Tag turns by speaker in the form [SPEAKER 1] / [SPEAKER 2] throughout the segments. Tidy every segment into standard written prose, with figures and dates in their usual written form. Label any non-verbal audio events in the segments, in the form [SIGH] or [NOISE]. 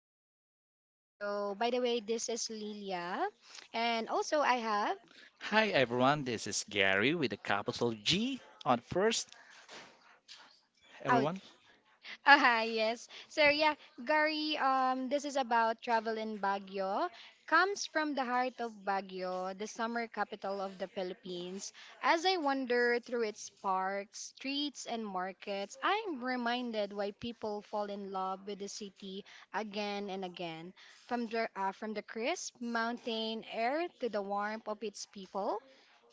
[SPEAKER 1] Travel in Baguio. By the way, this is Lilia and also I have
[SPEAKER 2] Hi everyone, this is Gary with a capital G on first,
[SPEAKER 1] out
[SPEAKER 2] everyone.
[SPEAKER 1] Yes. So Gary, this is about travel in Baguio. Comes from the heart of Baguio, the summer capital of the Philippines. As I wander through its parks, streets, and markets, I'm reminded why people fall in love with the city again and again. From the crisp mountain air to the warmth of its people,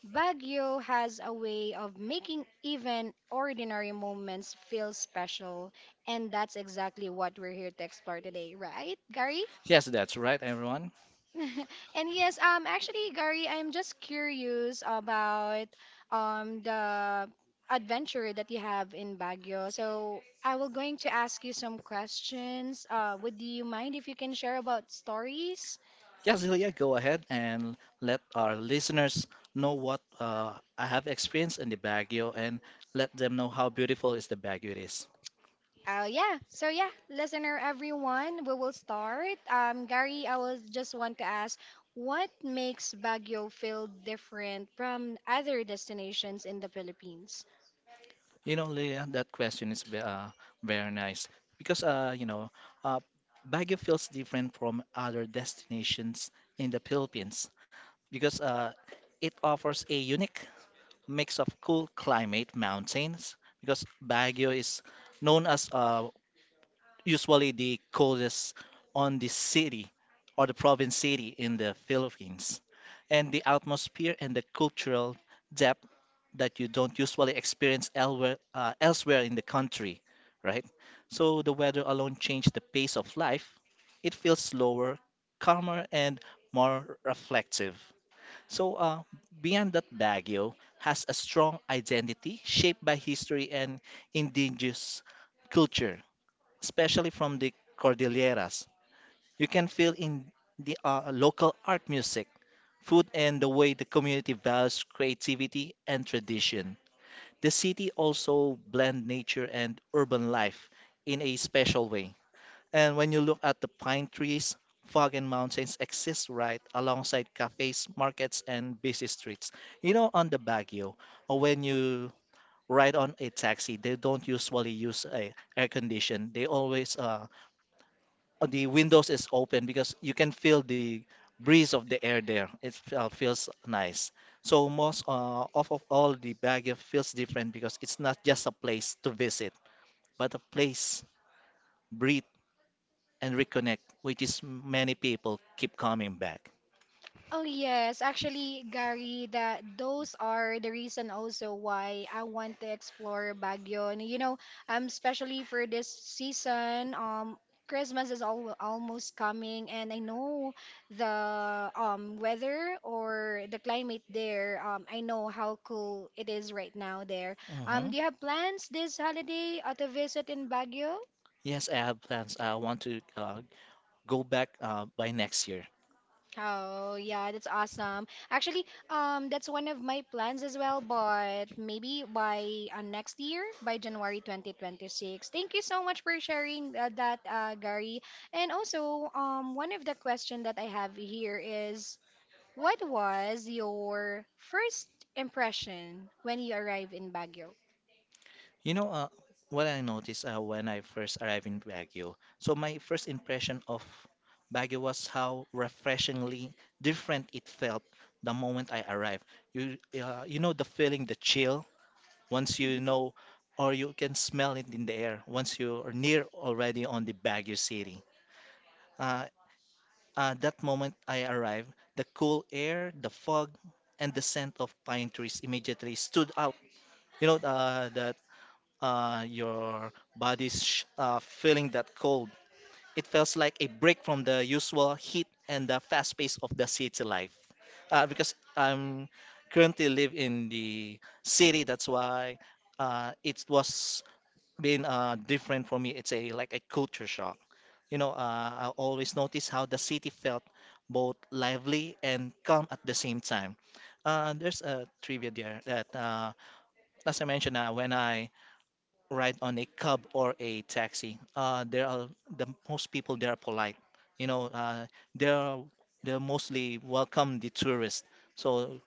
[SPEAKER 1] Baguio has a way of making even ordinary moments feel special, and that's exactly what we're here to explore today, right, Gary?
[SPEAKER 2] Yes, that's right, everyone.
[SPEAKER 1] [LAUGHS] Actually, Gary, I'm just curious about the adventure that you have in Baguio. So I will going to ask you some questions. Would you mind if you can share about stories?
[SPEAKER 2] Yes, Lilia, go ahead and let our listeners know what I have experienced in the Baguio and let them know how beautiful is the Baguio it is.
[SPEAKER 1] Oh yeah. So yeah, listener everyone, we will start. Gary, I was just want to ask what makes Baguio feel different from other destinations in the Philippines?
[SPEAKER 2] You know, Lilia, that question is very nice because, uh, Baguio feels different from other destinations in the Philippines because it offers a unique mix of cool climate mountains because Baguio is known as usually the coldest on the city or the province city in the Philippines. And the atmosphere and the cultural depth that you don't usually experience elsewhere, elsewhere in the country, right? So the weather alone changed the pace of life. It feels slower, calmer, and more reflective. So, beyond that, Baguio has a strong identity shaped by history and indigenous culture, especially from the Cordilleras. You can feel in the local art music, food, and the way the community values creativity and tradition. The city also blends nature and urban life in a special way. And when you look at the pine trees, fog and mountains exist right alongside cafes, markets, and busy streets. You know, on the Baguio, or when you ride on a taxi, they don't usually use a air condition. They always the windows is open because you can feel the breeze of the air there. It feels nice. So most of all the Baguio feels different because it's not just a place to visit, but a place breathe and reconnect, which is many people keep coming back.
[SPEAKER 1] Oh yes, actually, Gary, that those are the reason also why I want to explore Baguio. And you know, especially for this season, Christmas is al almost coming, and I know the weather or the climate there. I know how cool it is right now there.
[SPEAKER 2] Mhm.
[SPEAKER 1] Do you have plans this holiday to visit in Baguio?
[SPEAKER 2] Yes, I have plans. I want to go back by next year.
[SPEAKER 1] Oh, yeah, that's awesome. Actually, that's one of my plans as well, but maybe by next year, by January 2026. Thank you so much for sharing that, Gary. And also, one of the question that I have here is, what was your first impression when you arrived in Baguio?
[SPEAKER 2] You know, what I noticed when I first arrived in Baguio. So my first impression of Baguio was how refreshingly different it felt the moment I arrived. You, you know the feeling, the chill, once you know,
[SPEAKER 1] [LAUGHS]
[SPEAKER 2] or you can smell it in the air once you are near already on the Baguio city. Uh, that moment I arrived, the cool air, the fog, and the scent of pine trees immediately stood out. You know that feeling that cold. It feels like a break from the usual heat and the fast pace of the city life. Because I'm currently live in the city, that's why it was been different for me. It's a like a culture shock. You know, I always notice how the city felt both lively and calm at the same time. There's a trivia there that, as I mentioned, when I ride on a cab or a taxi, there are the most people there are polite. You know, they're they mostly welcome the tourists. So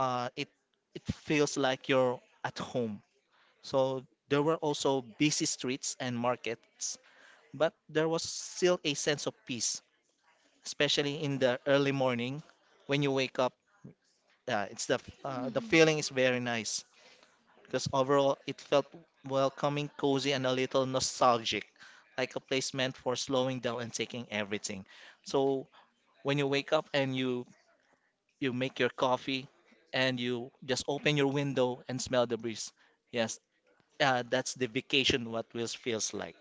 [SPEAKER 2] uh, it it feels like you're at home. So there were also busy streets and markets, but there was still a sense of peace especially in the early morning when you wake up. Yeah, it's the
[SPEAKER 1] Mhm.
[SPEAKER 2] feeling is very nice because overall it felt welcoming, cozy, and a little nostalgic, like a place meant for slowing down and taking everything. So when you wake up and you make your coffee and you just open your window and smell the breeze. Yes, that's the vacation what Wheels feels like.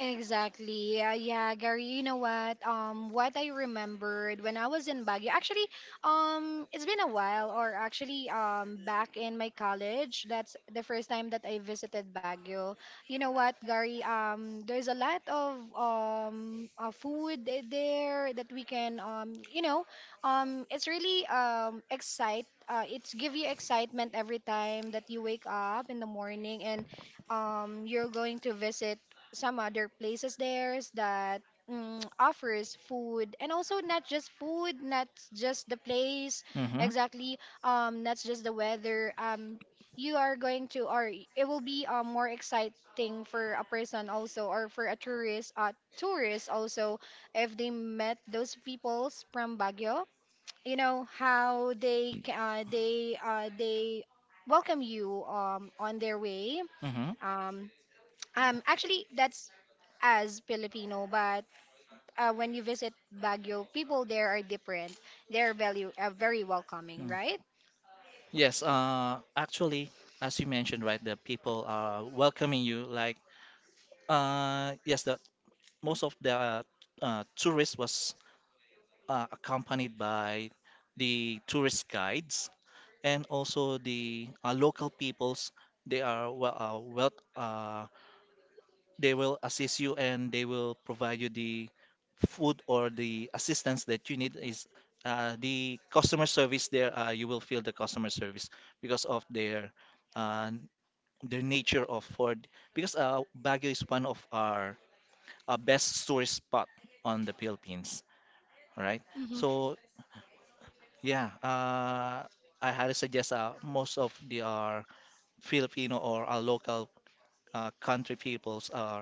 [SPEAKER 1] Exactly. Yeah, yeah, Gary, you know what? What I remembered when I was in Baguio, actually, it's been a while, or actually, back in my college, that's the first time that I visited Baguio. You know what, Gary? There's a lot of food there that we can it's really excite. It's give you excitement every time that you wake up in the morning and you're going to visit some other places there's that offers food and also not just food not just the place
[SPEAKER 2] Mm-hmm.
[SPEAKER 1] exactly not just the weather you are going to or it will be more exciting for a person also or for a tourist tourist also if they met those peoples from Baguio, you know how they welcome you on their way, um actually, that's as Filipino, but when you visit Baguio, people there are different. They're very welcoming,
[SPEAKER 2] Mm-hmm.
[SPEAKER 1] right?
[SPEAKER 2] Yes, actually, as you mentioned, right, the people are welcoming you. Like, yes, the most of the tourists was accompanied by the tourist guides and also the local peoples. They are they will assist you and they will provide you the food or the assistance that you need. Is the customer service there? You will feel the customer service because of their. Uh, the nature of Ford because Baguio is one of our best tourist spot on the Philippines, right? So yeah, I highly suggest most of the our Filipino or our local country peoples are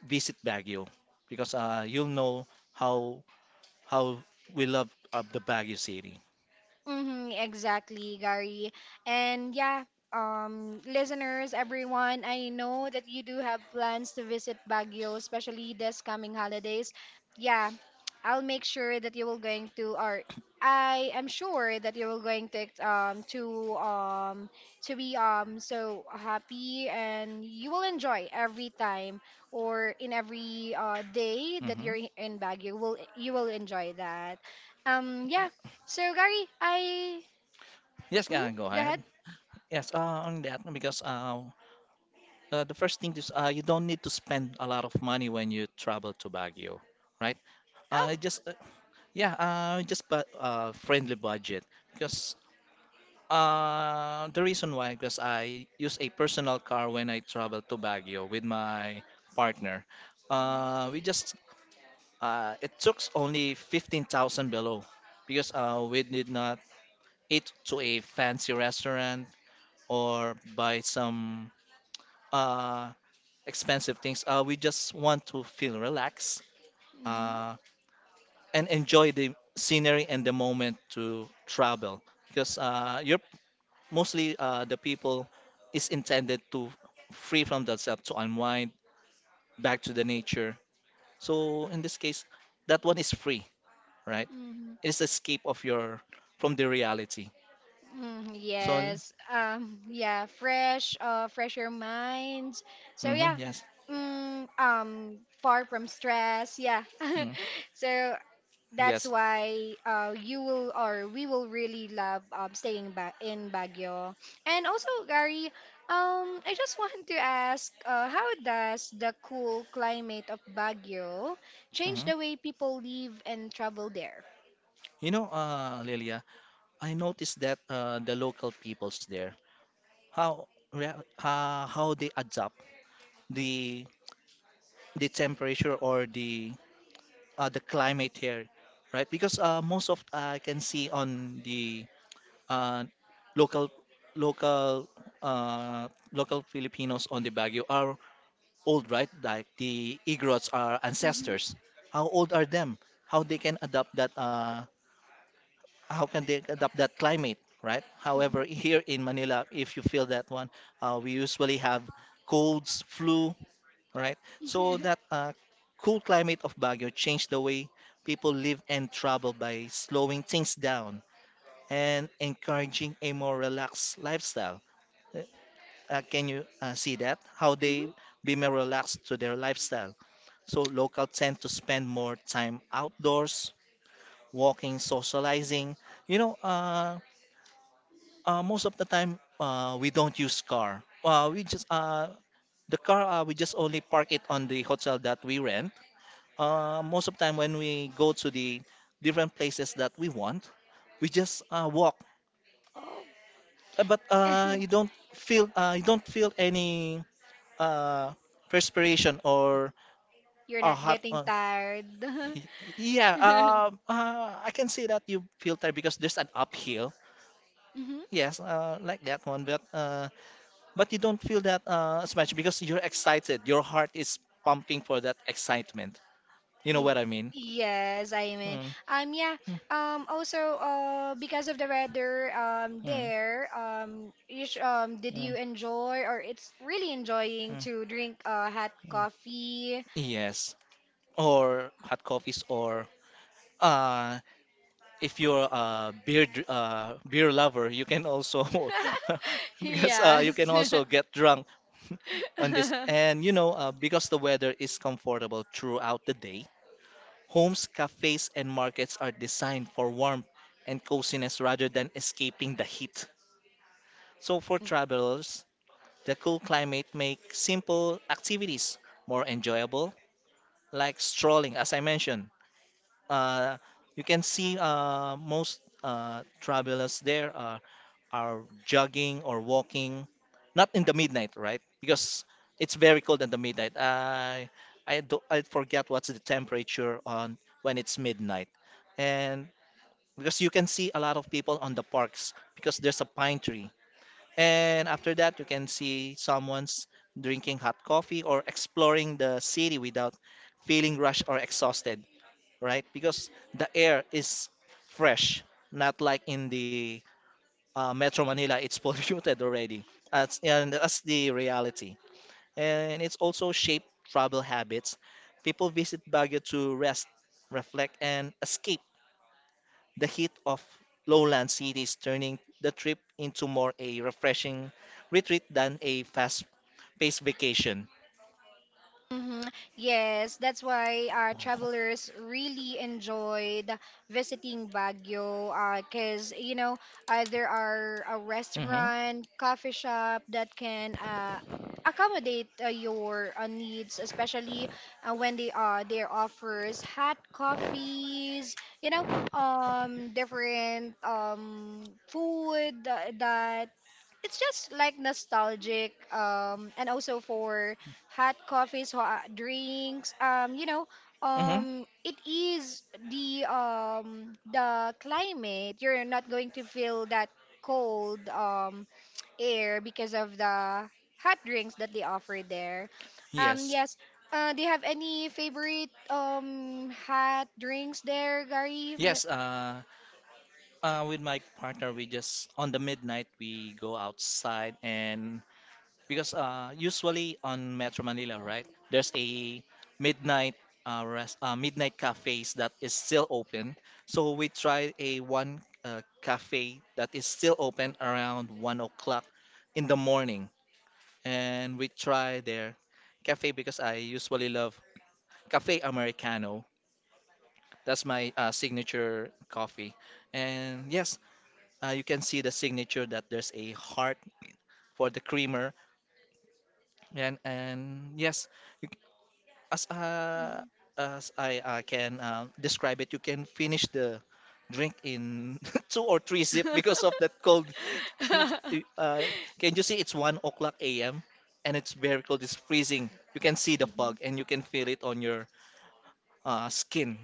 [SPEAKER 2] visit Baguio because you'll know how how we love the Baguio city.
[SPEAKER 1] Mm-hmm, exactly, Gary. And yeah, listeners, everyone, I know that you do have plans to visit Baguio, especially this coming holidays. Yeah, I'll make sure that you will going to, or I am sure that you will going to, to be, so happy and you will enjoy every time or in every, day that
[SPEAKER 2] Hmm.
[SPEAKER 1] you're in Baguio. Will you will enjoy that? Yeah. So Gary, I
[SPEAKER 2] Yes,
[SPEAKER 1] mhm,
[SPEAKER 2] go
[SPEAKER 1] go ahead.
[SPEAKER 2] ahead. Yes, on that because the first thing is you don't need to spend a lot of money when you travel to Baguio, right?
[SPEAKER 1] Oh.
[SPEAKER 2] Just yeah, just but Friendly budget because the reason why because I use a personal car when I travel to Baguio with my partner. We just it took only 15,000 below because we did not eat to a fancy restaurant or buy some. Uh, Expensive things. We just want to feel relaxed
[SPEAKER 1] Mhm.
[SPEAKER 2] uh, and enjoy the scenery and the moment to travel because you're mostly the people is intended to free from themselves to unwind back to the nature. So in this case, that one is free, right?
[SPEAKER 1] Mhm.
[SPEAKER 2] It's escape of your from the reality.
[SPEAKER 1] Mm,
[SPEAKER 2] So
[SPEAKER 1] yes. Yeah, fresh your minds. So
[SPEAKER 2] mm-hmm,
[SPEAKER 1] yeah.
[SPEAKER 2] yes,
[SPEAKER 1] Mm, far from stress. Yeah.
[SPEAKER 2] mm,
[SPEAKER 1] [LAUGHS] so that's
[SPEAKER 2] yes.
[SPEAKER 1] why you will or we will really love staying back in Baguio. And also, Gary, I just [LAUGHS] want to ask, how does the cool climate of Baguio change
[SPEAKER 2] Hmm.
[SPEAKER 1] the way people live and travel there?
[SPEAKER 2] You know, Lilia, I noticed that the local peoples there how how they adapt the temperature or the climate here, right? Because most of I can see on the uh, local local local Filipinos on the Baguio are old, right? Like the Igorots are
[SPEAKER 1] Mhm.
[SPEAKER 2] ancestors. How old are them? How they can adapt that? How can they adapt that climate, right? However, [LAUGHS] here in Manila, if you feel that one, we usually have colds, flu, all right? So
[SPEAKER 1] Mhm. [LAUGHS]
[SPEAKER 2] that cool climate of Baguio changed the way people live and travel by slowing things down and encouraging a more relaxed lifestyle. Uh, can you see that? How they be
[SPEAKER 1] Mhm.
[SPEAKER 2] more relaxed to their lifestyle. So local tend to spend more time outdoors, walking, socializing. You know, most of the time we don't use car. We just The car we just only park it on the hotel that we rent most of the time when we go to the different places that we want, we just walk.
[SPEAKER 1] Oh.
[SPEAKER 2] But
[SPEAKER 1] [LAUGHS]
[SPEAKER 2] you don't feel any uh, perspiration or
[SPEAKER 1] You're
[SPEAKER 2] a
[SPEAKER 1] not
[SPEAKER 2] hot.
[SPEAKER 1] getting tired.
[SPEAKER 2] [LAUGHS] Y- yeah,
[SPEAKER 1] [LAUGHS]
[SPEAKER 2] I can see that you feel tired because there's an uphill.
[SPEAKER 1] Mm-hmm.
[SPEAKER 2] Yes, like that one, but you don't feel that as much because you're excited. Your heart is pumping for that excitement. You know
[SPEAKER 1] Y-
[SPEAKER 2] what I mean?
[SPEAKER 1] Yes, I mean,
[SPEAKER 2] Mm,
[SPEAKER 1] yeah,
[SPEAKER 2] mm,
[SPEAKER 1] also, because of the weather,
[SPEAKER 2] mm,
[SPEAKER 1] there, you sh did
[SPEAKER 2] mm,
[SPEAKER 1] you enjoy or it's really enjoying
[SPEAKER 2] mm,
[SPEAKER 1] to drink, hot
[SPEAKER 2] mm.
[SPEAKER 1] coffee?
[SPEAKER 2] Yes, or hot coffees, or uh, if you're a beer lover, you can also [LAUGHS]
[SPEAKER 1] [LAUGHS]
[SPEAKER 2] because
[SPEAKER 1] Yes.
[SPEAKER 2] you can also get drunk [LAUGHS] on this. And you
[SPEAKER 1] [LAUGHS]
[SPEAKER 2] know, because the weather is comfortable throughout the day, homes, cafes, and markets are designed for warmth and coziness rather than escaping the heat. So for
[SPEAKER 1] Mm.
[SPEAKER 2] travelers, the cool climate makes simple activities more enjoyable, like strolling, as I mentioned uh, you can see most travelers there are jogging or walking, not in the midnight, right? Because it's very cold in the midnight. I do, I forget what's the temperature on when it's midnight, and because you can see a lot of people on the parks because there's a pine tree, and after that you can see someone's drinking hot coffee or exploring the city without feeling rushed or exhausted right? Because the air is fresh, not like in the Metro Manila, it's [LAUGHS] polluted already. That's, and that's the reality. And it's also shaped travel habits. People visit Baguio to rest, reflect, and escape the heat of lowland cities, turning the trip into more a refreshing retreat than a fast paced vacation.
[SPEAKER 1] Hmm. Yes, that's why travelers really enjoyed visiting Baguio because, you know, there are a
[SPEAKER 2] Hmm.
[SPEAKER 1] restaurant, coffee shop that can accommodate your needs, especially when they there offers hot coffees, you know, different food that it's just like nostalgic and also for hot coffees, hot drinks,
[SPEAKER 2] Hmm.
[SPEAKER 1] it is the climate. You're not going to feel that cold air because of the hot drinks that they offer there.
[SPEAKER 2] Yes.
[SPEAKER 1] Yes, do you have any favorite hot drinks there, Gary?
[SPEAKER 2] Yes, with my partner, we just on the midnight we go outside and because usually on Metro Manila, right? There's a midnight midnight cafes that is still open. So we try a one cafe that is still open around 1 o'clock in the morning, and we try their cafe because I usually love cafe americano. That's my signature coffee. And yes, you can see the signature that there's a heart for the creamer, and yes, you, c- as uh, as I can describe it, you can finish the drink in [LAUGHS] two or three sip because of that cold. [LAUGHS] It's, uh, can you see it's 1 o'clock a.m. and it's very cold. It's
[SPEAKER 1] [LAUGHS]
[SPEAKER 2] freezing. You can
[SPEAKER 1] [LAUGHS]
[SPEAKER 2] see the
[SPEAKER 1] Mhm.
[SPEAKER 2] fog and you can feel it on your skin.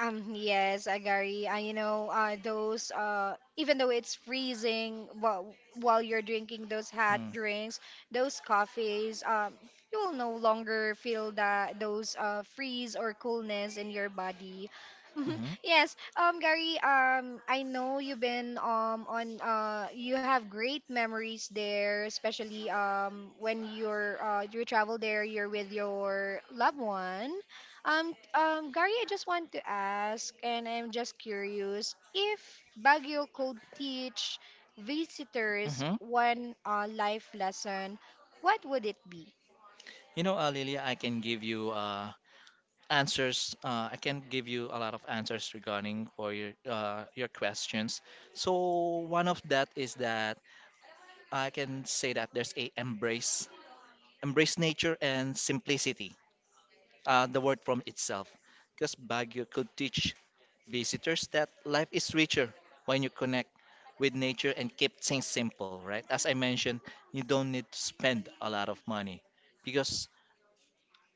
[SPEAKER 1] Yes, Agari. You know, even though it's freezing while you're drinking those hot
[SPEAKER 2] Mm.
[SPEAKER 1] drinks, those coffees, you will no longer feel that those freeze or coolness in your body. [LAUGHS] Mhm.
[SPEAKER 2] Hmm.
[SPEAKER 1] Yes, Gary, I know you've been on you have great memories there, especially when you travel there, you're with your loved one. Gary, I just want to ask, and I'm just curious, if Baguio could teach visitors
[SPEAKER 2] Hmm.
[SPEAKER 1] one life lesson, what would it be?
[SPEAKER 2] You know, Lilia, I can give you answers. I can give you a lot of answers regarding for your questions. So one of that is that I can say that there's a embrace nature and simplicity. The word from itself, because Baguio could teach visitors that life is richer when you connect with nature and keep things simple, right? As I mentioned, you don't need to spend a lot of money because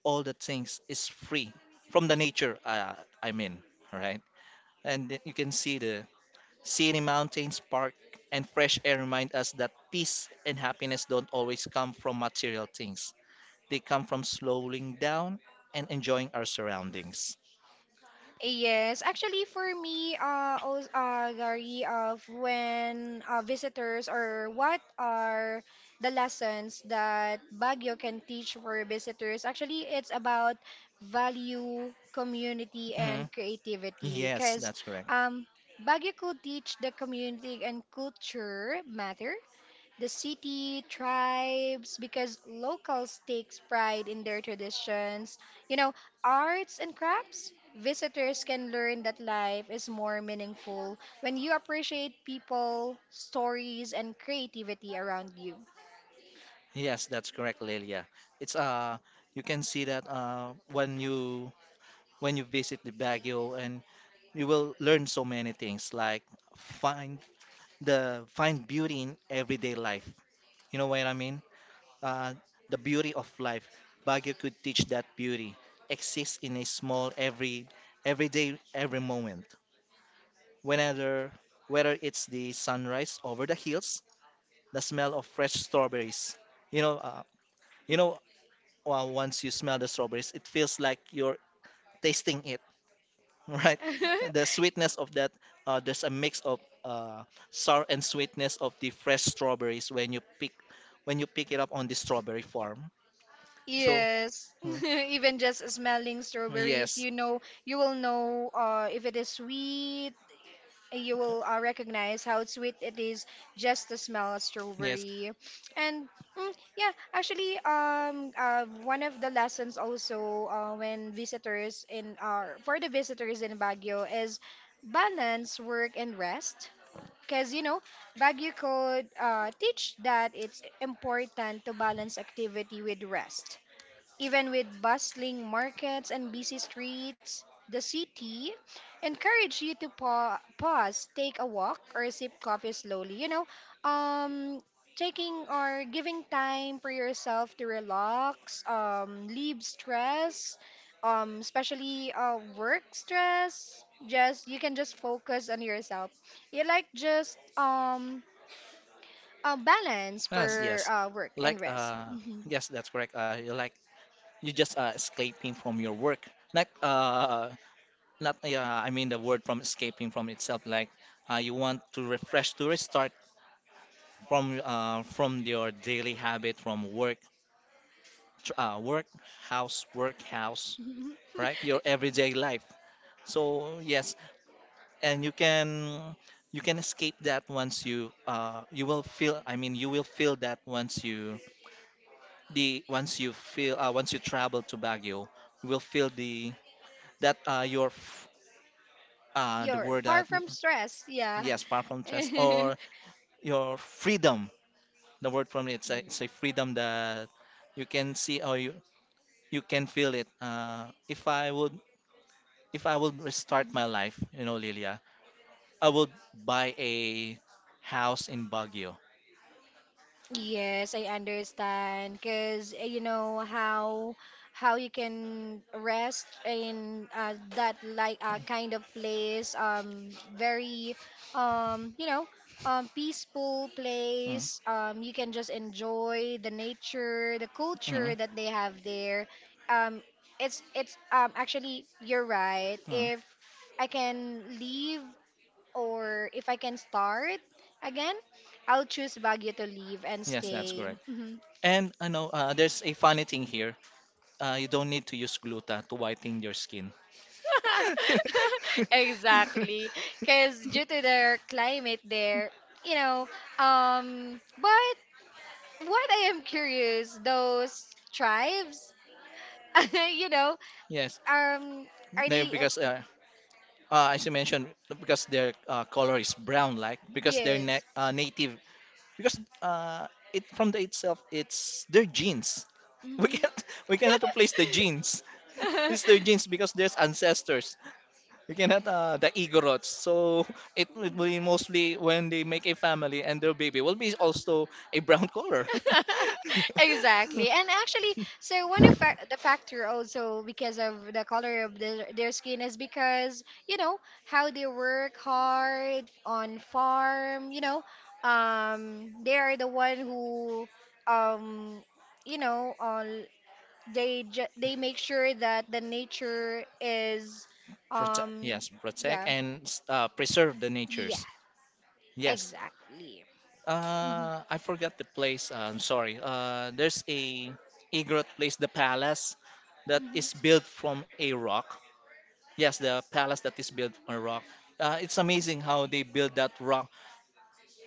[SPEAKER 2] all the things is free from the nature. I mean, right? You can see the scenic mountains, park, and fresh air remind us that peace and happiness don't always come from material things. They come from slowing down and enjoying our surroundings.
[SPEAKER 1] Yes, actually for me, also, Gary, of when visitors or what are the lessons that Baguio can teach for visitors? Actually, it's about value, community, and
[SPEAKER 2] Mhm.
[SPEAKER 1] creativity.
[SPEAKER 2] Yes,
[SPEAKER 1] Because
[SPEAKER 2] that's correct.
[SPEAKER 1] um, Baguio could teach the community and culture matter the city tribes because locals takes pride in their traditions, you know, arts and crafts. Visitors can learn that life is more meaningful when you appreciate people stories and creativity around you.
[SPEAKER 2] Yes, that's correct, Lelia. It's you can see that when you visit the Baguio and you will learn so many things like find find beauty in everyday life. You know what I mean? uh, the beauty of life. Baguio could teach that beauty exists in a small every day, every moment. Whenever Whether it's the sunrise over the hills, the smell of fresh strawberries. You know, uh, you know, Once you smell the strawberries, it feels like you're tasting it, [LAUGHS] right? The
[SPEAKER 1] [LAUGHS]
[SPEAKER 2] sweetness of that, there's a mix of uh, sour and sweetness of the fresh strawberries when you pick it up on the strawberry farm. So.
[SPEAKER 1] Yes, [LAUGHS]
[SPEAKER 2] mm. [LAUGHS]
[SPEAKER 1] even just smelling strawberries,
[SPEAKER 2] Yes,
[SPEAKER 1] you know, you will know if it is sweet, you will recognize how sweet it is just to smell a
[SPEAKER 2] yes,
[SPEAKER 1] strawberry, and mm, yeah, actually, one of the lessons also, when visitors in our for the visitors in Baguio is balance work and rest, because you know Baguio could teach that it's important to balance activity with rest, even with bustling markets and busy streets. The city encourage you to pause, take a walk, or sip coffee slowly. You know, um, taking or giving time for yourself to relax, leave stress, especially work stress. Just you can just focus on yourself. You like just a balance
[SPEAKER 2] yes,
[SPEAKER 1] for
[SPEAKER 2] yes.
[SPEAKER 1] work
[SPEAKER 2] Like,
[SPEAKER 1] and rest. Mhm.
[SPEAKER 2] yes, that's correct. You like you just escaping from your work. Not, not. I mean the word from escaping from itself. Like, you want to refresh to restart from from your daily habit from work, tr- uh, work, work, house, right? Your
[SPEAKER 1] [LAUGHS]
[SPEAKER 2] everyday life. So yes, and you can escape that once you you will feel I mean you will feel that once you the once you feel once you travel to Baguio you will feel the that your f- the
[SPEAKER 1] You're
[SPEAKER 2] word
[SPEAKER 1] far
[SPEAKER 2] that
[SPEAKER 1] from stress, yeah.
[SPEAKER 2] yes far from stress
[SPEAKER 1] [LAUGHS]
[SPEAKER 2] or your freedom the word from it's a freedom that you can see or you can feel it if I would restart
[SPEAKER 1] Mm.
[SPEAKER 2] my life, you know, Lilia, I would buy a house in Baguio.
[SPEAKER 1] Yes, I understand. Because you know how you can rest in that like kind of place, very um, you know, peaceful
[SPEAKER 2] Mm.
[SPEAKER 1] place. You can just enjoy the nature, the culture
[SPEAKER 2] Mm.
[SPEAKER 1] that they have there. Um, it's actually you're right.
[SPEAKER 2] Mm.
[SPEAKER 1] If I can leave or if I can start again, I'll choose Baguio to leave and
[SPEAKER 2] Yes, that's
[SPEAKER 1] stay.
[SPEAKER 2] correct.
[SPEAKER 1] Mhm.
[SPEAKER 2] And I know, there's a funny thing here. You don't need to use gluta to whiten your skin.
[SPEAKER 1] [LAUGHS]
[SPEAKER 2] [LAUGHS]
[SPEAKER 1] Exactly, because due to their climate there, you know. But what I am curious, those tribes, [LAUGHS] you know,
[SPEAKER 2] Yes,
[SPEAKER 1] um, are
[SPEAKER 2] they
[SPEAKER 1] they?
[SPEAKER 2] because as you mentioned because their color is brown, like because they're
[SPEAKER 1] Yes.
[SPEAKER 2] na- uh, native because it from the itself it's their genes. [LAUGHS] We
[SPEAKER 1] Mhm.
[SPEAKER 2] can't we cannot replace the genes. It's their
[SPEAKER 1] [LAUGHS]
[SPEAKER 2] genes because there's ancestors. We cannot the Igorots.
[SPEAKER 1] [LAUGHS]
[SPEAKER 2] So [LAUGHS] it would be mostly when they make a family and their baby will be also a brown color. [LAUGHS]
[SPEAKER 1] Exactly. And actually so one of the factor also because of the color of their skin is because you know how they work hard on farm, you know, they are the one who um you know they make sure that the nature is
[SPEAKER 2] Protect,
[SPEAKER 1] um
[SPEAKER 2] yes, protect
[SPEAKER 1] yeah
[SPEAKER 2] and, preserve the
[SPEAKER 1] yeah
[SPEAKER 2] natures, yes.
[SPEAKER 1] exactly. Mhm,
[SPEAKER 2] I forgot the place. I'm sorry. There's a Igorot place, the palace that
[SPEAKER 1] mhm.
[SPEAKER 2] is built from a rock. Yes, the palace that is built on a rock. It's amazing how they build that rock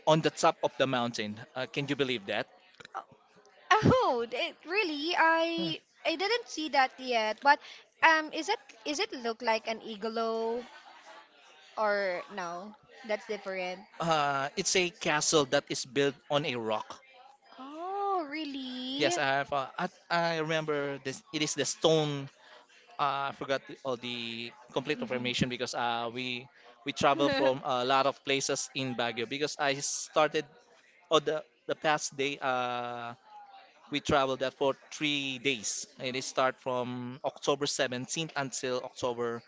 [SPEAKER 2] on the top of the mountain. Can you believe that?
[SPEAKER 1] Oh, it really
[SPEAKER 2] Hmm.
[SPEAKER 1] I didn't see that yet. But um is it is it look like an igloo or no? That's different.
[SPEAKER 2] It's a castle that is built on a rock.
[SPEAKER 1] Oh,
[SPEAKER 2] Yes,
[SPEAKER 1] really?
[SPEAKER 2] I, I, I remember this. It is the stone, I forgot the all the complete
[SPEAKER 1] Hmm.
[SPEAKER 2] information because we travel from a
[SPEAKER 1] [LAUGHS]
[SPEAKER 2] lot of places in Baguio because I started on the past day, we traveled that for three days and it start from October 17th until October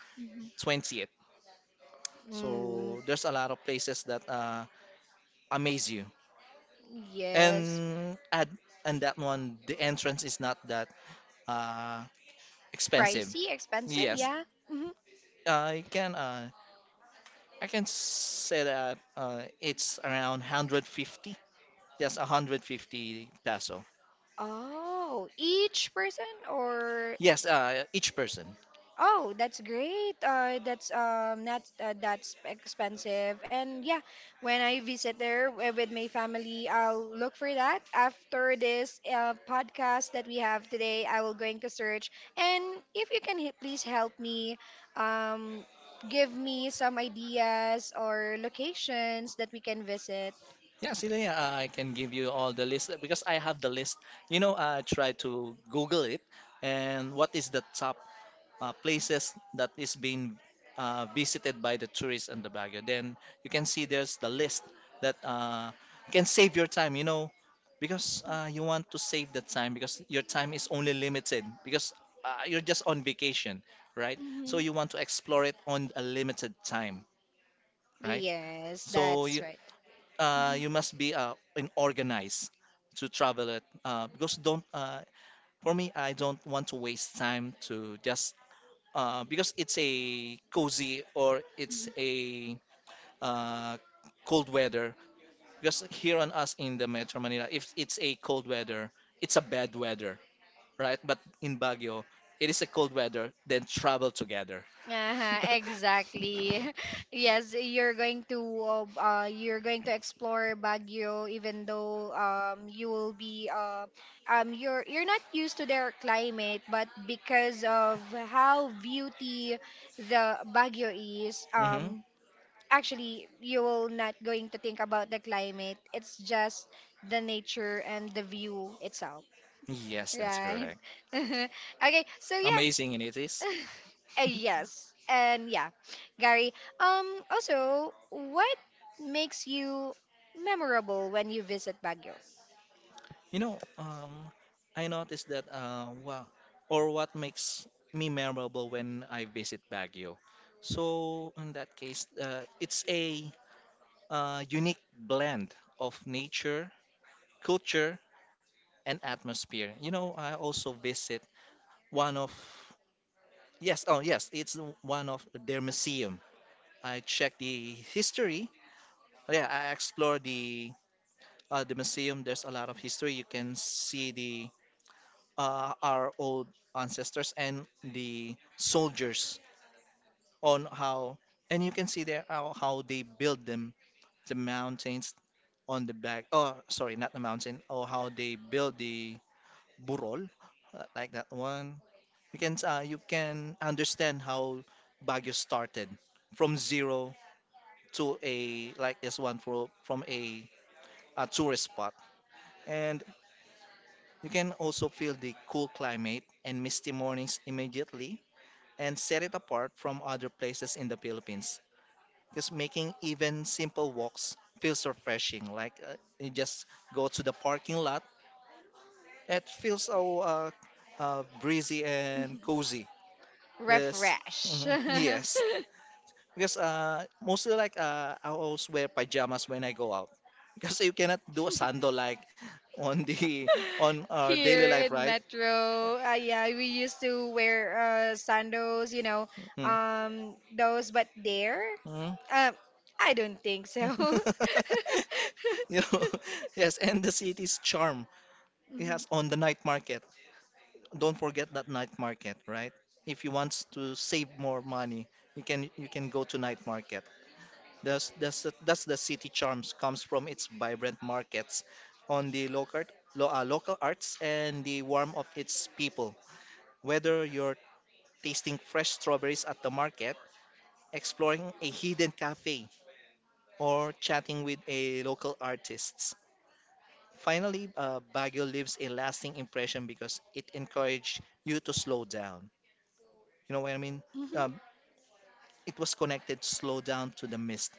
[SPEAKER 2] 20th.
[SPEAKER 1] Mm,
[SPEAKER 2] So there's a lot of places that amaze you,
[SPEAKER 1] yes.
[SPEAKER 2] and at and that one the entrance is not that uh, expensive.
[SPEAKER 1] Pricey, expensive,
[SPEAKER 2] Yes,
[SPEAKER 1] yeah. Hmm.
[SPEAKER 2] I can. I can say that it's around 150. Yes, 150 peso.
[SPEAKER 1] Oh, each person or
[SPEAKER 2] Yes, each person.
[SPEAKER 1] Oh, that's great. That's not that's expensive. And yeah, when I visit there with my family, I'll look for that. After this podcast that we have today, I will going to search. And if you can please help me, um, give me some ideas or locations that we can visit.
[SPEAKER 2] Yeah, see, yeah, I can give you all the list, because I have the list. You know, I tried to Google it, and what is the top places that is being visited by the tourists in the Baguio. Then you can see there's the list that can save your time, you know, because you want to save the time because your time is only limited because you're just on vacation, right? So
[SPEAKER 1] Hmm.
[SPEAKER 2] you want to explore it on a limited time, right?
[SPEAKER 1] Yes,
[SPEAKER 2] So
[SPEAKER 1] that's
[SPEAKER 2] you
[SPEAKER 1] right. Mhm.
[SPEAKER 2] you must be in organized to travel it because don't for me I don't want to waste time to just because it's a cozy or it's a uh, cold weather. Because here on us in the Metro Manila, if it's a cold weather, it's a bad weather, right? But in Baguio, it is a cold weather, then travel together.
[SPEAKER 1] Uh-huh,
[SPEAKER 2] [LAUGHS]
[SPEAKER 1] exactly. [LAUGHS] Yes, you're going to explore Baguio even though you will be you're not used to their climate, but because of how beauty the Baguio is,
[SPEAKER 2] Hmm.
[SPEAKER 1] actually you will not going to think about the climate. It's just the nature and the view itself,
[SPEAKER 2] Yes, that's
[SPEAKER 1] right?
[SPEAKER 2] correct.
[SPEAKER 1] [LAUGHS] Okay, so yeah.
[SPEAKER 2] Amazing, and it is. [LAUGHS]
[SPEAKER 1] Yes. And yeah, Gary, also, what makes you memorable when you visit Baguio?
[SPEAKER 2] You know, I noticed that wow, or what makes me memorable when I visit Baguio. So in that case, it's a unique blend of nature, culture, and atmosphere. You know, I also visit one of yes, oh yes, it's one of their museum. I check the history. Yeah, I explore the, the museum. There's a lot of history. You can see the our old ancestors and the soldiers on how and you can see there how they build them the mountains on the back. Oh, sorry, not the mountain. Oh, how they build the burol, like that one. You can you can understand how Baguio started from zero to a like this one from a tourist spot. And you can also feel the cool climate and misty mornings immediately and set it apart from other places in the Philippines. Because making even simple walks feels refreshing. Like you just go to the parking lot, it feels so breezy and cozy. This, [LAUGHS]
[SPEAKER 1] Refresh.
[SPEAKER 2] mhm,
[SPEAKER 1] [LAUGHS]
[SPEAKER 2] yes, because mostly like I always wear pajamas when I go out. [LAUGHS] Because you cannot do a sando like on the [LAUGHS] on our daily
[SPEAKER 1] Here
[SPEAKER 2] life,
[SPEAKER 1] in
[SPEAKER 2] right?
[SPEAKER 1] Metro, yeah, we used to wear sandals, you know,
[SPEAKER 2] Mm.
[SPEAKER 1] those, but there,
[SPEAKER 2] Mm.
[SPEAKER 1] um, I don't think so. [LAUGHS]
[SPEAKER 2] [LAUGHS] You know, [LAUGHS] yes, and the city's charm.
[SPEAKER 1] Mhm.
[SPEAKER 2] Yes, on the night market. Don't forget that night market, right? If you want to save more money, you can go to night market. That's the city charms comes from its vibrant markets, on the local local arts and the warmth of its people. Whether you're tasting fresh strawberries at the market, exploring a hidden cafe, or chatting with a local artist. Finally, Baguio leaves a lasting impression because it encouraged you to slow down. You know what I mean?
[SPEAKER 1] Mhm.
[SPEAKER 2] Um, it was connected slow down to the mist,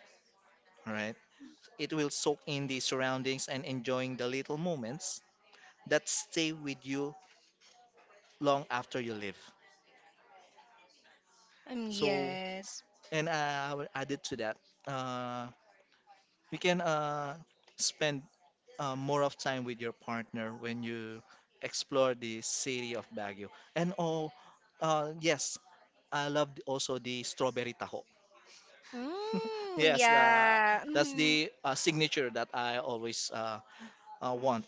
[SPEAKER 2] all right? It will soak in the surroundings and enjoying the little moments that stay with you long after you leave. So,
[SPEAKER 1] Yes.
[SPEAKER 2] and I will add it to that. Uh, you can spend more of time with your partner when you explore the city of Baguio. And oh, yes, I loved also the strawberry taho. [LAUGHS]
[SPEAKER 1] Mm,
[SPEAKER 2] Yes,
[SPEAKER 1] yeah.
[SPEAKER 2] that's
[SPEAKER 1] Mhm.
[SPEAKER 2] the signature that I always want.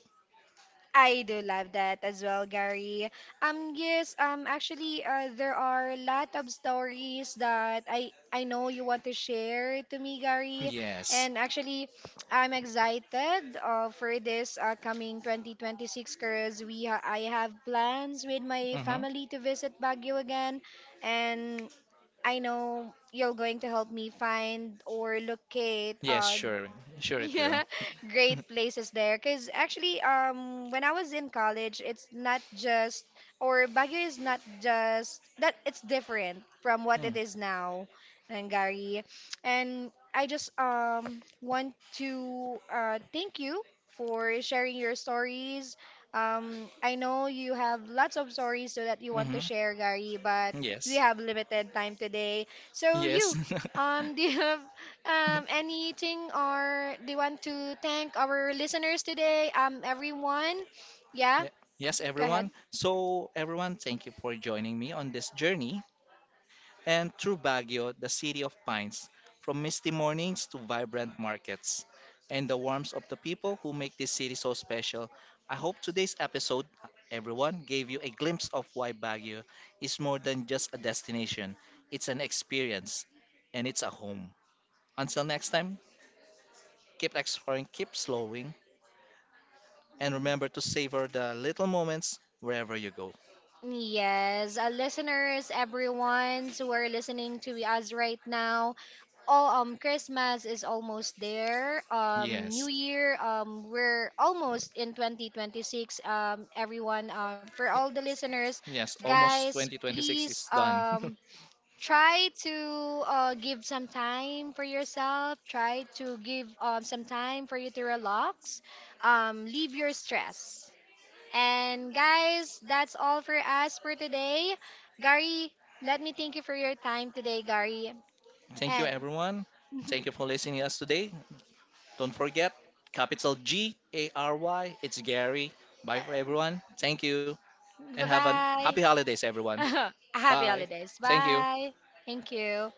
[SPEAKER 1] I do love that as well, Gary. Yes, actually, there are a lot of stories that I know you want to share to me, Gary,
[SPEAKER 2] Yes.
[SPEAKER 1] and actually, I'm excited for this coming 2026 because we I have plans with my
[SPEAKER 2] Mm-hmm.
[SPEAKER 1] family to visit Baguio again, and I know you're going to help me find or locate
[SPEAKER 2] Yes, sure. Sure it will.
[SPEAKER 1] Yeah, [LAUGHS]
[SPEAKER 2] [LAUGHS]
[SPEAKER 1] great places there. Because actually, when I was in college, it's not just, or Baguio is not just, that it's different from what it is now, Gary. And I just want to thank you for sharing your stories. I know you have lots of stories so that you want
[SPEAKER 2] Mm-hmm.
[SPEAKER 1] to share, Gary, but we
[SPEAKER 2] Yes.
[SPEAKER 1] have limited time today. So
[SPEAKER 2] Yes.
[SPEAKER 1] you,
[SPEAKER 2] [LAUGHS]
[SPEAKER 1] [LAUGHS] do
[SPEAKER 2] Ye-
[SPEAKER 1] you have anything or they want to thank our listeners today? Everyone, yeah.
[SPEAKER 2] Yes,
[SPEAKER 1] Go ahead.
[SPEAKER 2] everyone. So, everyone, thank you for joining me on this journey and through Baguio, the city of pines, from misty mornings to vibrant markets and the warmth of the people who make this city so special. I hope today's episode, everyone, gave you a glimpse of why Baguio is more than just a destination, it's an experience and it's a home. Until next time, keep exploring, keep slowing, and remember to savor the little moments wherever you go.
[SPEAKER 1] Yes, listeners, everyone who are listening to us right now. Oh, Christmas is almost there. New
[SPEAKER 2] Yes.
[SPEAKER 1] Year. We're almost in 2026. Everyone. For all the listeners,
[SPEAKER 2] Yes, almost
[SPEAKER 1] guys,
[SPEAKER 2] 2026
[SPEAKER 1] please.
[SPEAKER 2] is done. [LAUGHS]
[SPEAKER 1] Try to give some time for yourself, try to give some time for you to relax, leave your stress. And guys, that's all for us for today, Gary. Let me thank you for your time today, Gary,
[SPEAKER 2] Thank you,
[SPEAKER 1] and
[SPEAKER 2] everyone. Thank you for listening to us today. Don't forget, capital GARY. It's Gary.
[SPEAKER 1] [LAUGHS]
[SPEAKER 2] Bye for everyone. Thank you, and
[SPEAKER 1] bye
[SPEAKER 2] have a
[SPEAKER 1] bye.
[SPEAKER 2] happy holidays, everyone.
[SPEAKER 1] [LAUGHS] Happy
[SPEAKER 2] Bye.
[SPEAKER 1] holidays,
[SPEAKER 2] Thank you.
[SPEAKER 1] bye. Thank you.